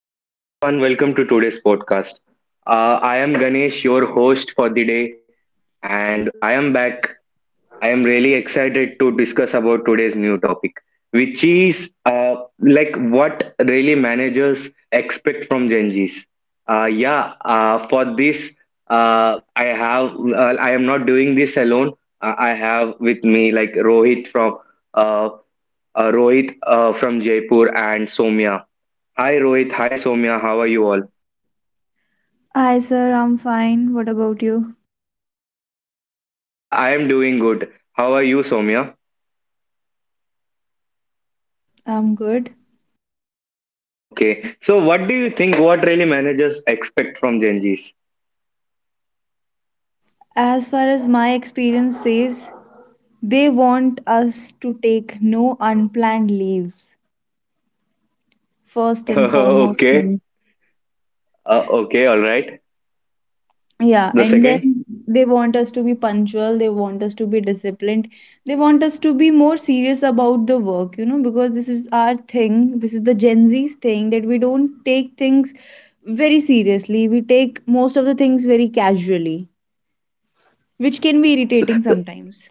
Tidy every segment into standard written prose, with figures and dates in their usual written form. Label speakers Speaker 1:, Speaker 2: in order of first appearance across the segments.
Speaker 1: Hello, everyone. Welcome to today's podcast. I am Ganesh, your host for the day, and I am back. I am really excited to discuss about today's new topic, which is like what really managers expect from Gen Zs. Yeah, for this, I have. I am not doing this alone. I have with me like uh, Rohit from Jaipur and Somya. Hi Rohit, hi Somya, how are you all?
Speaker 2: Hi, sir. I'm fine. What about you?
Speaker 1: Yeah, I am doing good. How are you, Soumya?
Speaker 2: I'm good.
Speaker 1: Okay. So, what do you think? What really managers expect from Gen Zs?
Speaker 2: As far as my experience says, they want us to take no unplanned leaves, first and foremost
Speaker 1: Okay.
Speaker 2: thing.
Speaker 1: Okay. All right.
Speaker 2: Yeah,
Speaker 1: The
Speaker 2: and then
Speaker 1: second.
Speaker 2: they want us to be punctual, they want us to be disciplined, they want us to be more serious about the work, you know, because this is our thing, this is the Gen Z's thing that we don't take things very seriously, we take most of the things very casually, which can be irritating sometimes.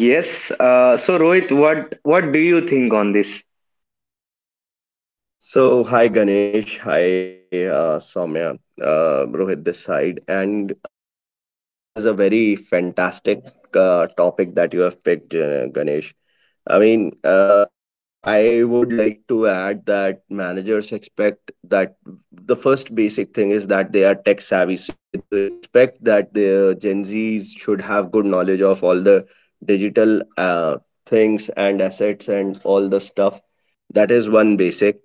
Speaker 1: Yes. So, Rohit, what do you think on this?
Speaker 3: So, hi Ganesh, hi Soumya, Rohit this side. And I mean, this is a very fantastic topic that you have picked, Ganesh. I mean, I would like to add that managers expect that the first basic thing is that they are tech savvy. So they expect that the Gen Zs should have good knowledge of all the digital things and assets and all the stuff. That is one basic.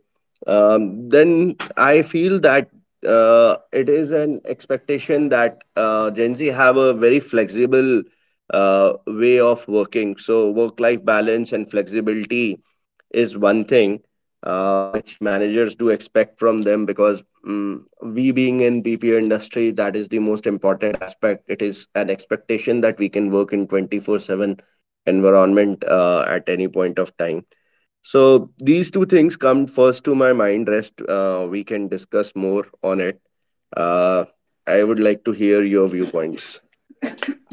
Speaker 3: Then I feel that it is an expectation that Gen Z have a very flexible way of working. So work life balance and flexibility is one thing which managers do expect from them, because we being in BPO industry, that is the most important aspect. It is an expectation that we can work in 24/7 environment at any point of time. So these two things come first to my mind. Rest we can discuss more on it. Uh, I would like to hear your viewpoints.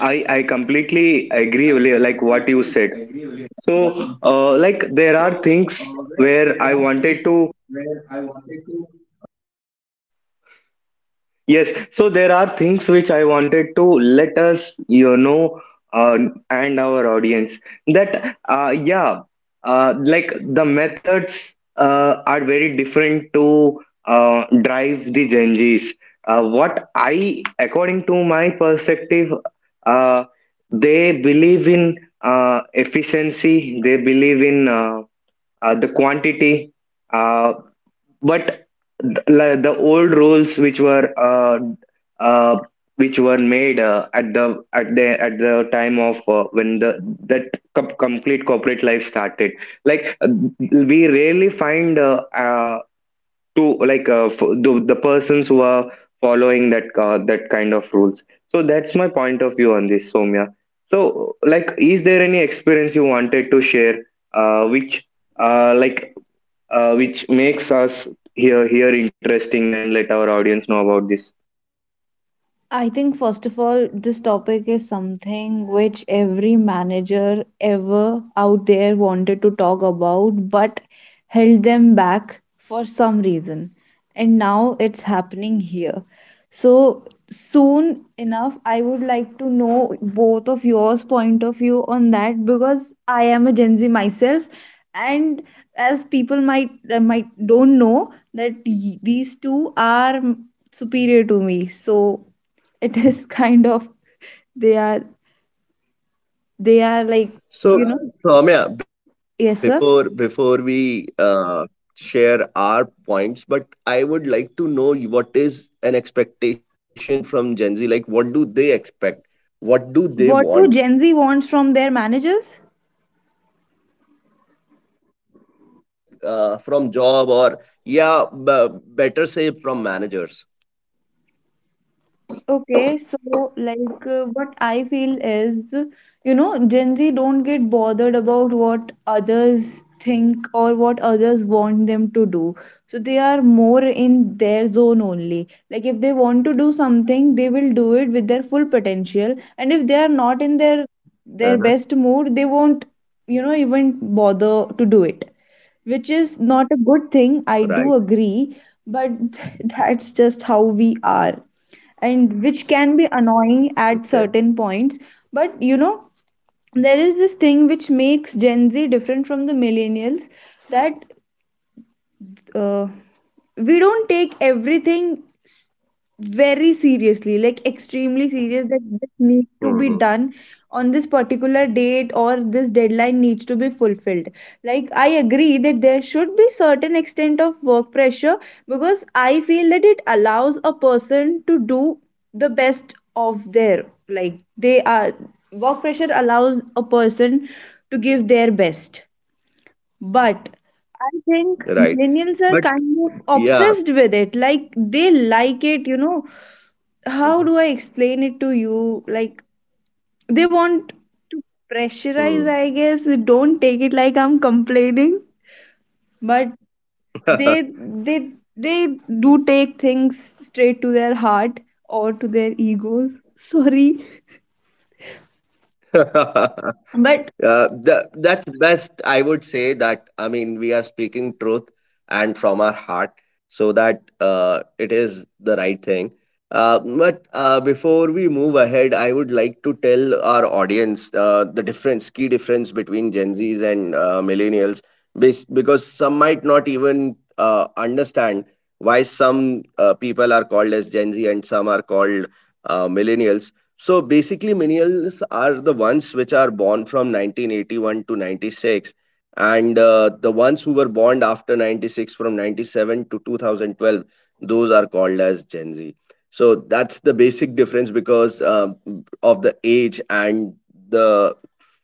Speaker 1: I completely agree with, like what you said. So, like there are things where I wanted to Yes, so there are things which I wanted to let us, uh, and our audience that, uh, yeah, like the methods are very different to drive the Gen Zs. What I, according to my perspective, uh, they believe in efficiency, they believe in the quantity. Uh, but the old rules uh, which were made at the time of when the complete corporate life started like uh, we rarely find to like f- the persons who are following that kind of rules, so that's my point of view on this, Somya. So, like, is there any experience you wanted to share, uh, which uh, like which makes us here interesting and let our audience know about this.
Speaker 2: I think, first of all, this topic is something which every manager ever out there wanted to talk about, but held them back for some reason. And now it's happening here. So, soon enough, I would like to know both of yours point of view on that because I am a Gen Z myself. And as people might don't know that these two are superior to me. So it is kind of they are they are like, you know,
Speaker 3: So, Soumya,
Speaker 2: yes sir.
Speaker 3: before we share our points, but I would like to know what is an expectation from Gen Z? Like, what do they expect? What do they
Speaker 2: What do
Speaker 3: want?
Speaker 2: Gen Z wants from their managers?
Speaker 3: Yes, or in general, like from job or, yeah, better say from managers.
Speaker 2: Okay, so like what I feel is, you know, Gen Z don't get bothered about what others think or what others want them to do. So they are more in their zone only. Like if they want to do something, they will do it with their
Speaker 3: Okay.
Speaker 2: full potential. And if they are not in their
Speaker 3: Uh-huh.
Speaker 2: best mood, they won't, you know, even bother to do it, which is not a good thing. I do
Speaker 3: Right.
Speaker 2: agree, but that's just how we are, and which can be annoying at
Speaker 3: Okay.
Speaker 2: certain points, but you know, there is this thing which makes Gen Z different from the millennials, that uh, we don't take everything very seriously, like extremely serious, that this needs to
Speaker 3: Hmm.
Speaker 2: be done on this particular date or this deadline needs to be fulfilled. Like I agree that there should be certain extent of work pressure, because I feel that it allows a person to do the best of their, like they are, work pressure allows a person to give their best. But I
Speaker 3: Right.
Speaker 2: think
Speaker 3: But
Speaker 2: millennials are kind
Speaker 3: yeah.
Speaker 2: of obsessed with it. Like they like it, you know. How do I explain it to you? Like they want to
Speaker 3: Mm-hmm.
Speaker 2: pressurize, I guess. Don't take it like I'm complaining. But
Speaker 3: Hmm.
Speaker 2: they do take things straight to their heart or to their egos. Sorry.
Speaker 3: uh,
Speaker 2: But
Speaker 3: that's best, I would say. That I mean, we are speaking truth and from our heart, so that it is the right thing. But before we move ahead, I would like to tell our audience the difference key difference between gen z's and millennials, because some might not even understand why some people are called as gen z and some are called millennials. So basically, millennials are the ones which are born from 1981 to 96, and the ones who were born after 96, from 97 to 2012, those are called as Gen Z. That's the basic difference, because of the age and the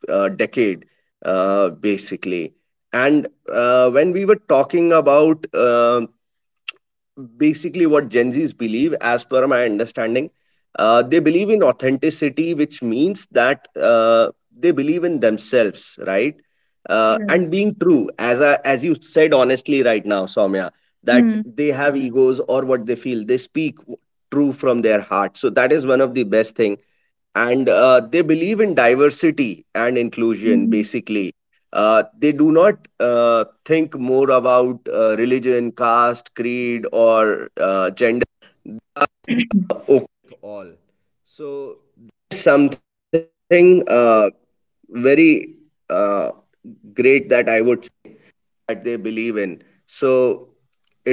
Speaker 3: decade, basically. And when we were talking about, basically, what Gen Zs believe, as per my understanding, they believe in authenticity, which means that they believe in themselves, right? And
Speaker 2: right.
Speaker 3: being true, as you said honestly right now, Soumya, that
Speaker 2: Hmm.
Speaker 3: they have egos or what they feel, they speak true from their heart. So that is one of the best thing. And they believe in diversity and inclusion,
Speaker 2: Hmm.
Speaker 3: basically. They do not think more about religion, caste, creed, or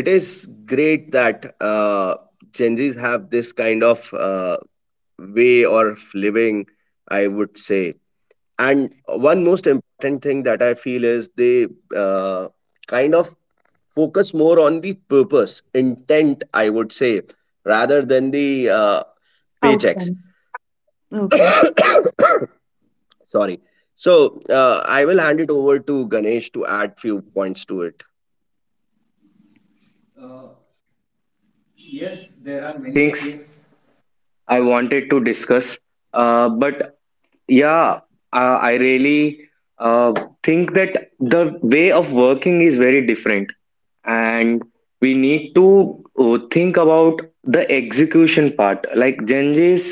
Speaker 3: it is great that Gen Zs have this kind of way of living, I would say. And one most important thing that I feel is they uh, kind of focus more on the purpose, intent, I would say, rather than the paychecks.
Speaker 2: Outcome. Okay.
Speaker 3: Sorry. So I will hand it over to Ganesh to add few points to it.
Speaker 1: Many things I wanted to discuss, but yeah, I really uh, think that the way of working is very different. And we need to think about the execution part. Like genjis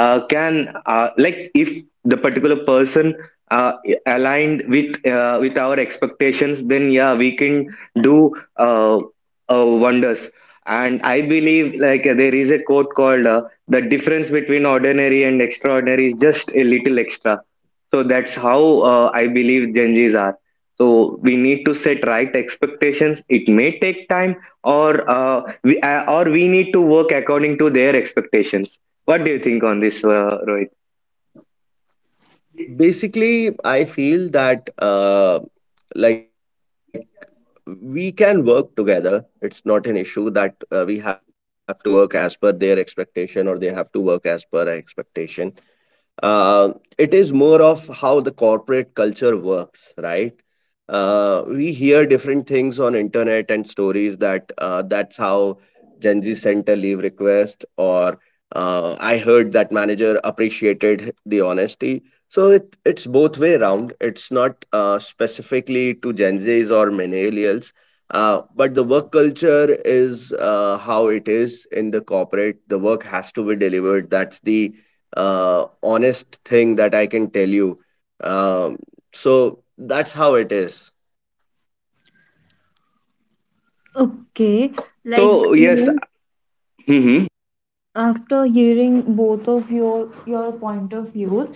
Speaker 1: can, like if the particular person uh, aligned with our expectations, then yeah, we can do wonders. And I believe like there is a quote called, the difference between ordinary and extraordinary is just a little extra. So that's how I believe Gen Zs are. So we need to set right expectations. It may take time, or we or we need to work according to their expectations. What do you think on this, Rohit?
Speaker 3: Basically, I feel that, like, we can work together. It's not an issue that we have to work as per their expectation or they have to work as per our expectation. Uh, it is more of how the corporate culture works, right? We hear different things on internet and stories, that's how Gen Z sent a leave request, or I heard that manager appreciated honesty, so it's both way around. It's not specifically to Gen Zs or millennials, but the work culture is how it is in the corporate. The work has to be delivered. That's the honest thing that I can tell you. Um, so that's how it is.
Speaker 2: Okay. Like,
Speaker 1: So
Speaker 2: you
Speaker 1: yes,
Speaker 2: know, after hearing both of your point of views,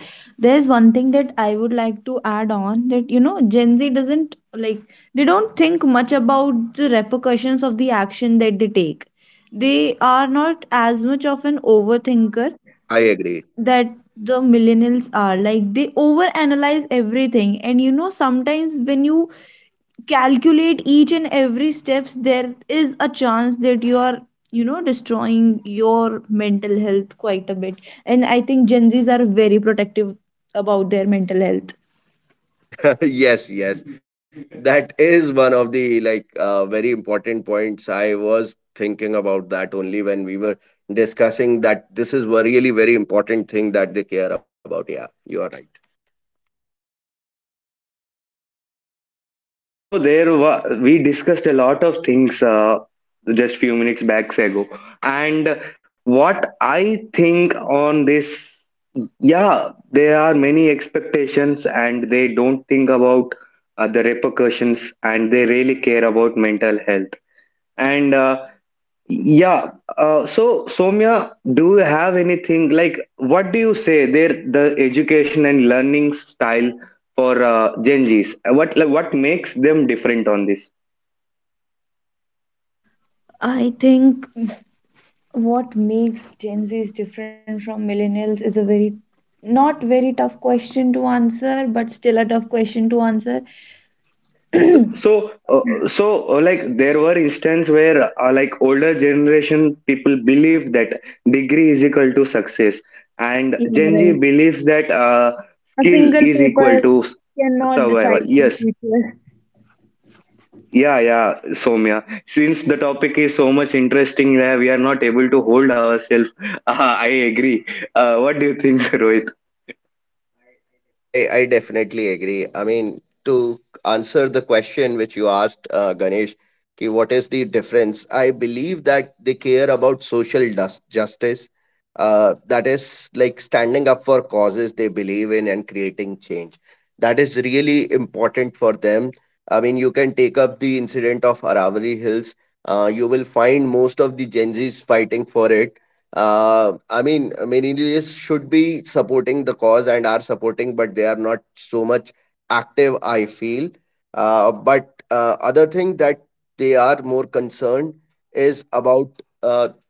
Speaker 2: there's one thing that I would like to add on, that you know, Gen Z doesn't like, they don't think much about the repercussions of the action that they take. They are not as much of an overthinker
Speaker 3: I agree.
Speaker 2: that the millennials are. Like they overanalyze everything, and you know, sometimes when you calculate each and every steps, there is a chance that you are, you know, destroying your mental health quite a bit. And I think Gen Z's are very protective about their mental health.
Speaker 3: Yes, yes, that is one of the, like, very important points I was thinking about that only when we were discussing, that this is really very important thing that they care about. Yeah, you are right.
Speaker 1: S- So there wa we discussed a lot of things just few minutes back ago, and what I think on this, yeah, there are many expectations, and they don't think about the repercussions, and they really care about mental health. And yeah. So, Soumya, do you have anything, like, what do you say there, the education and learning style for Gen Zs? What like what makes them different on this?
Speaker 2: I think what makes Gen Z's different from millennials is a very not very tough question to answer, but still a tough question to answer.
Speaker 1: So, like there were instances where like older generation people believe that degree is equal to success, and
Speaker 2: Yeah,
Speaker 1: Gen Z
Speaker 2: right.
Speaker 1: believes that
Speaker 2: A
Speaker 1: skill
Speaker 2: single
Speaker 1: is equal
Speaker 2: paper
Speaker 1: to
Speaker 2: cannot
Speaker 1: survival.
Speaker 2: decide my
Speaker 1: Yes.
Speaker 2: future.
Speaker 1: Yeah, yeah, Soumya. Since the topic is so much interesting that we are not able to hold ourselves, I agree. What do you think, Rohit?
Speaker 3: I definitely agree. I mean, to answer the question which you asked, Ganesh, ki what is the difference? I believe that they care about social justice. That is like standing up for causes they believe in and creating change. That is really important for them. I mean, you can take up the incident of Aravalli Hills. You will find most of the Gen Zs fighting for it. I mean, many religious should be supporting the cause and are supporting, but they are not so much active, I feel. But other thing that they are more concerned is about uh,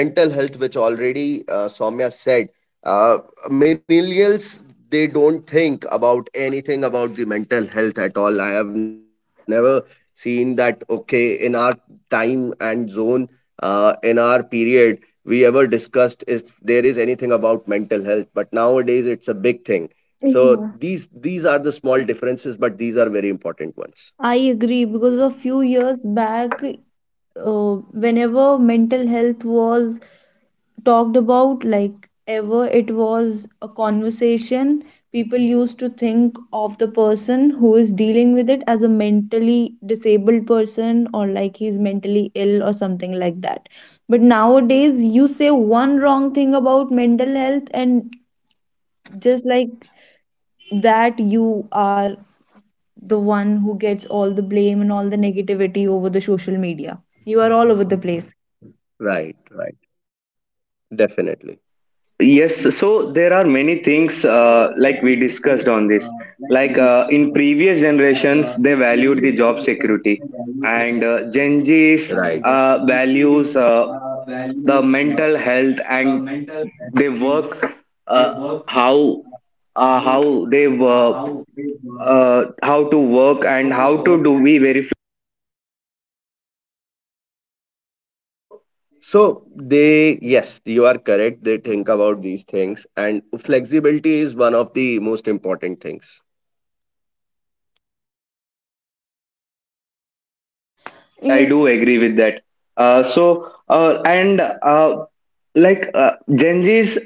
Speaker 3: mental health, which already Soumya said. uh, Millennials, they don't think about anything about the mental health at all. I have never seen that, okay, in our time and zone, in our period, we ever discussed if there is anything about mental health, but nowadays it's a big thing. So
Speaker 2: Yeah.
Speaker 3: these are the small differences, but these are very important ones.
Speaker 2: I agree, because
Speaker 1: Y-
Speaker 2: a few years back, whenever mental health was talked about, like ever it was a conversation, people used to think of the person who is dealing with it as a mentally disabled person, or like he's mentally ill or something like that. But nowadays, you say one wrong thing about mental health, and just like that, you are the one who gets all the blame and all the negativity over the social media. You are all over the place.
Speaker 3: Right, right. Definitely.
Speaker 1: Yes, so there are many things like we discussed on this. In previous generations, they valued the job security, and Gen
Speaker 3: Right.
Speaker 1: Z's values the mental health and they work uh, how how they work, how to work and how to do be very—
Speaker 3: So yes, you are correct. They think about these things, and flexibility is one of the most important things.
Speaker 1: yes, yes, I
Speaker 2: You.
Speaker 1: do agree with that. So and like Gen Z's,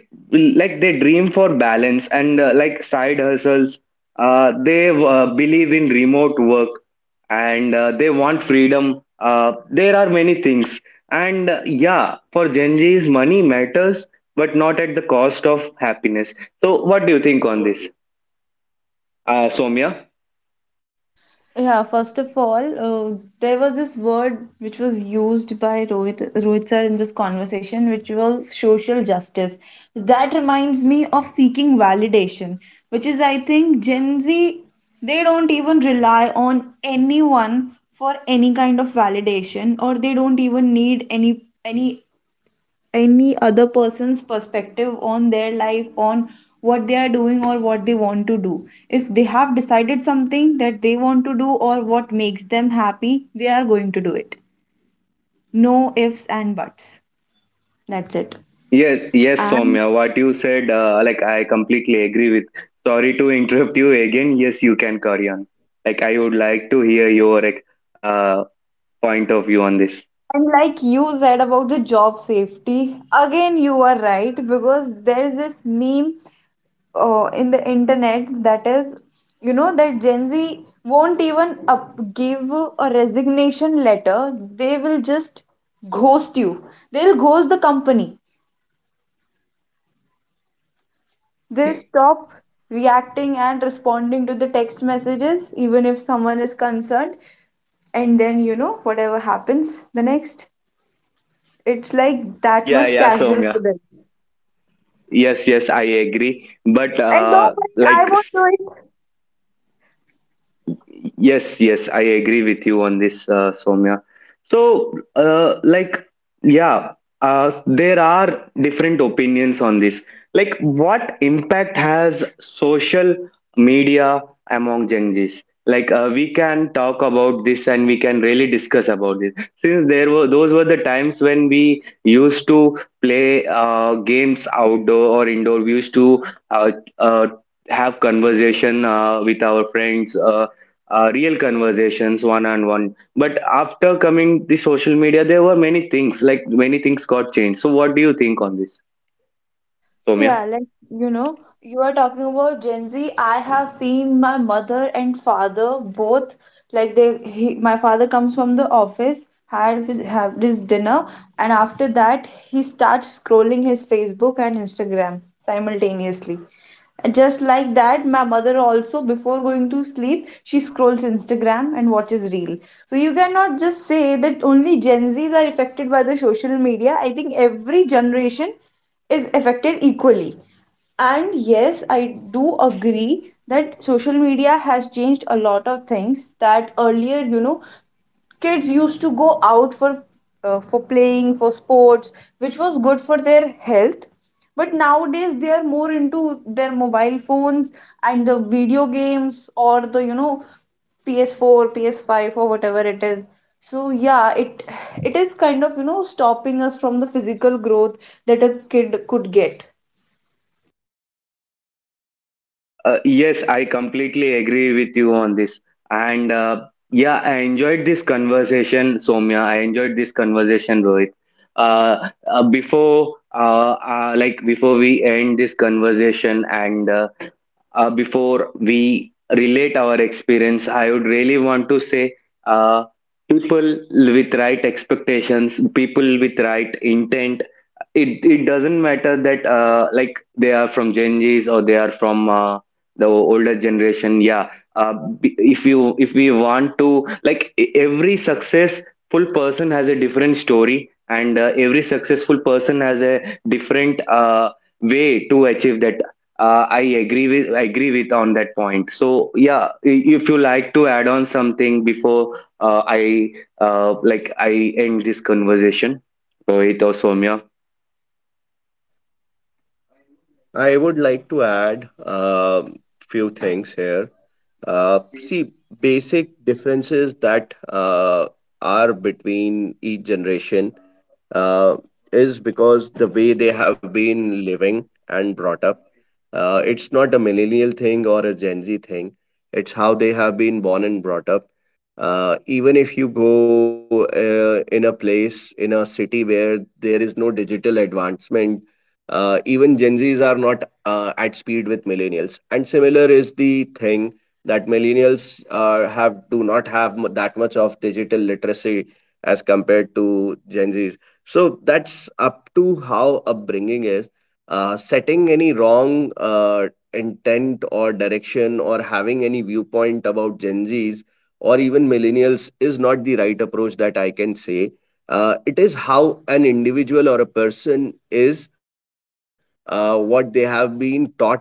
Speaker 1: like, they dream for balance and like side hustles. They believe in remote work, and they want freedom. There are many things. And Yeah, for Gen Z's, money matters, but not at the cost of happiness. So what do you think on this,
Speaker 3: So true.
Speaker 1: Somya?
Speaker 2: Yeah, first of all, there was this word which was used by Rohit, Rohit sir in this conversation, which was social justice. That reminds me of seeking validation, which is, I think, Gen Z, they don't even rely on anyone for any kind of validation, or they don't even need any other person's perspective on their life, on what they are doing or what they want to do. If they have decided something that they want to do or what makes them happy, they are going to do it. No ifs and buts, that's it.
Speaker 1: Yes, yes,
Speaker 2: and
Speaker 1: Soumya, what you said, like I completely agree with. Sorry to interrupt you again. Yes, you can carry on. Like, I would like to hear your, like, uh, point of view on this.
Speaker 2: And like you said about the job safety, again, you are right, because there is this meme in the internet, that is, you know, that Gen Z won't even up give a resignation letter. They will just ghost you. They'll ghost the company. They
Speaker 1: Okay.
Speaker 2: stop reacting and responding to the text messages, even if someone is concerned. And then, you know, whatever happens the next, it's like that
Speaker 1: Yeah,
Speaker 2: much
Speaker 1: yeah,
Speaker 2: casual to
Speaker 1: Soumya.
Speaker 2: them.
Speaker 1: Yes, yes, I agree. But
Speaker 2: And don't worry, I
Speaker 1: like—
Speaker 2: won't do it.
Speaker 1: yes, yes, I agree with you on this, Soumya. So, yeah, there are different opinions on this. Like, what impact has social media among Gen Zs? Like, we can talk about this and we can really discuss about this. Since there were— those were the times when we used to play games outdoor or indoor. We used to uh, uh, have conversation with our friends. Real conversations one on one. But after coming the social media, there were many things, like many things got changed. So what do you think on this, Somya?
Speaker 2: Yeah, like you know, you are talking about Gen Z. I have seen my mother and father both, like they he, my father comes from the office, had his, have his dinner, and after that he starts scrolling his Facebook and Instagram simultaneously. And just like that, my mother also, before going to sleep, she scrolls Instagram and watches Reel. So you cannot just say that only Gen Zs are affected by the social media. I think every generation is affected equally. And yes, I do agree that social media has changed a lot of things, that earlier, you know, kids used to go out for playing, for sports, which was good for their health, but nowadays they are more into their mobile phones and the video games, or the, you know, PS4, PS5, or whatever it is. So yeah, it is kind of, you know, stopping us from the physical growth that a kid could get.
Speaker 1: Yes, I completely agree with you on this. And Yeah, I enjoyed this conversation, Somya. I enjoyed this conversation, Rohit. Like, before we end this conversation, and before we relate our experience, I would really want to say uh, people with right expectations, people with right intent, it doesn't matter that like they are from Gen Zs or they are from the older generation. Yeah, uh, if you if we want to like every successful person has a different story, and every successful person has a different way to achieve that. I agree with on that point. So yeah, if you like to add on something before uh, I I end this conversation, Rohit or Soumya.
Speaker 3: I would like to add a few things here. Uh,
Speaker 1: I
Speaker 3: see, basic differences that uh, are between each generation uh, is because the way they have been living and brought up. It's not a millennial thing or a Gen Z thing. It's how they have been born and brought up. Even if you go, in a place, in a city where there is no digital advancement, even Gen Zs are not at speed with millennials. And similar is the thing that millennials have do not have that much of digital literacy as compared to Gen Zs, so that's up to how upbringing is. Setting any wrong intent or direction, or having any viewpoint about Gen Zs or even millennials, is not the right approach that I can say. It is how an individual or a person is, what they have been taught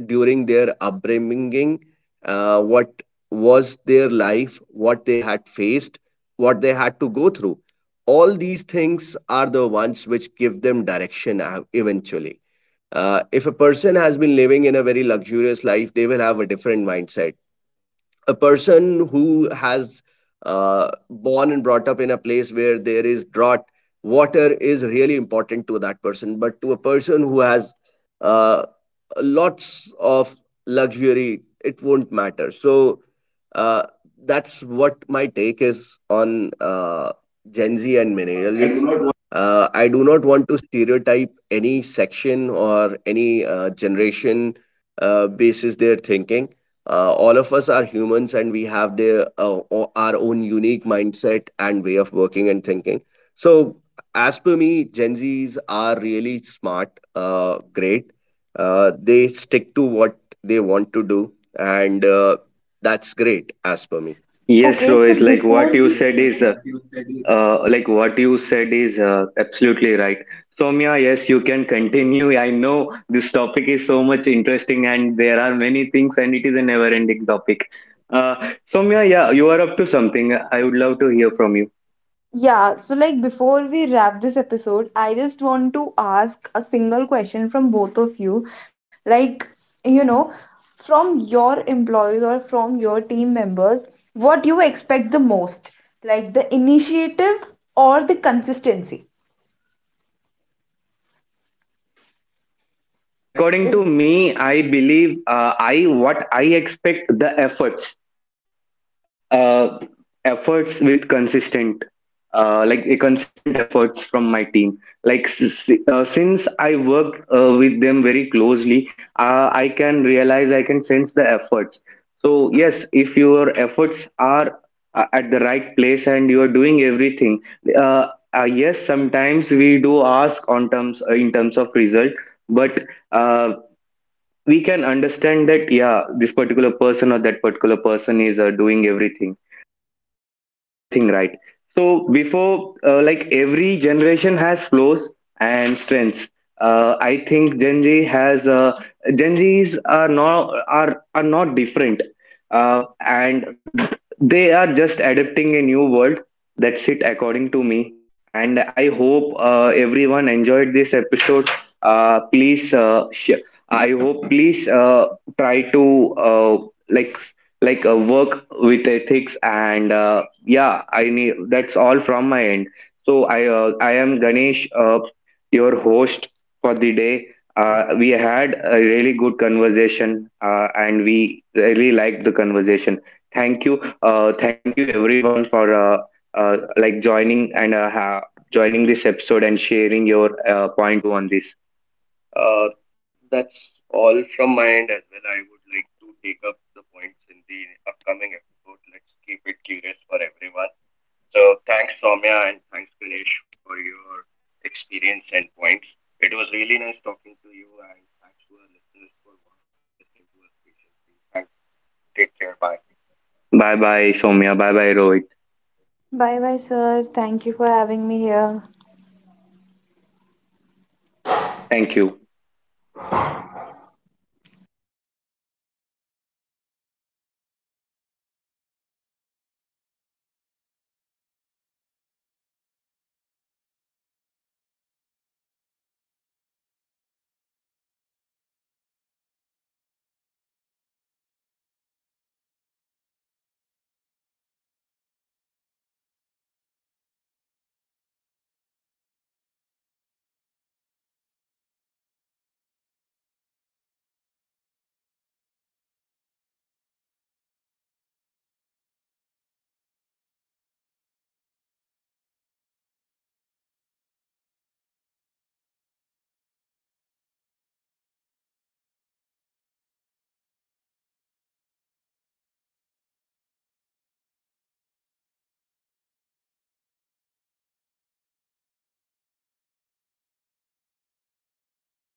Speaker 3: during their upbringing, what was their life, what they had faced, what they had to go through. All these things are the ones which give them direction, eventually. If a person has been living in a very luxurious life, they will have a different mindset. A person who has born and brought up in a place where there is drought, water is really important to that person. But to a person who has uh, lots of luxury, it won't matter. So uh, that's what my take is on Gen Z and
Speaker 1: do
Speaker 3: millennials.
Speaker 1: not—
Speaker 3: I do not want to stereotype any section or any generation basis their thinking. All of us are humans and we have their, our own unique mindset and way of working and thinking. So as per me, gen z's are really smart, great. They stick to what they want to do, and that's great, as per me.
Speaker 1: yes,
Speaker 2: Okay, so
Speaker 1: Rohit, like
Speaker 2: before
Speaker 1: what you
Speaker 2: we,
Speaker 1: said is what you said is absolutely right. Soumya, yes, you can continue. I know this topic is so much interesting and there are many things and it is a never-ending topic. Soumya, yeah, you are up to something. I would love to hear from you.
Speaker 2: yeah, so like before we wrap this episode, I just want to ask a single question from both of you. Like, you know, from your employees or from your team members, what you expect the most? Like the initiative or the consistency?
Speaker 1: So, according to me, I believe I what I expect, the efforts, uh, efforts with consistent, like a consistent efforts from my team. like s- since I work with them very closely, I can realize, I can sense the efforts. So yes, if your efforts are at the right place and you are doing everything, uh, yes, sometimes we do ask on terms in terms of result, but uh, we can understand that yeah, this particular person or that particular person is doing everything right. So before, like, every generation has flaws and strengths. I think Gen Z has gen z's are not are are not different, uh, and they are just adapting a new world. That's it, according to me. And I hope everyone enjoyed this episode. Please sh- I hope Please try to uh, like work with ethics and yeah, I need that's all from my end. So I— I am Ganesh, your host for the day. We had a really good conversation, and we really liked the conversation. Thank you everyone for joining and ha joining this episode and sharing your point on this. Bye bye Somya, bye bye Rohit.
Speaker 2: Bye bye, sir. Thank you for having me here.
Speaker 1: Thank you.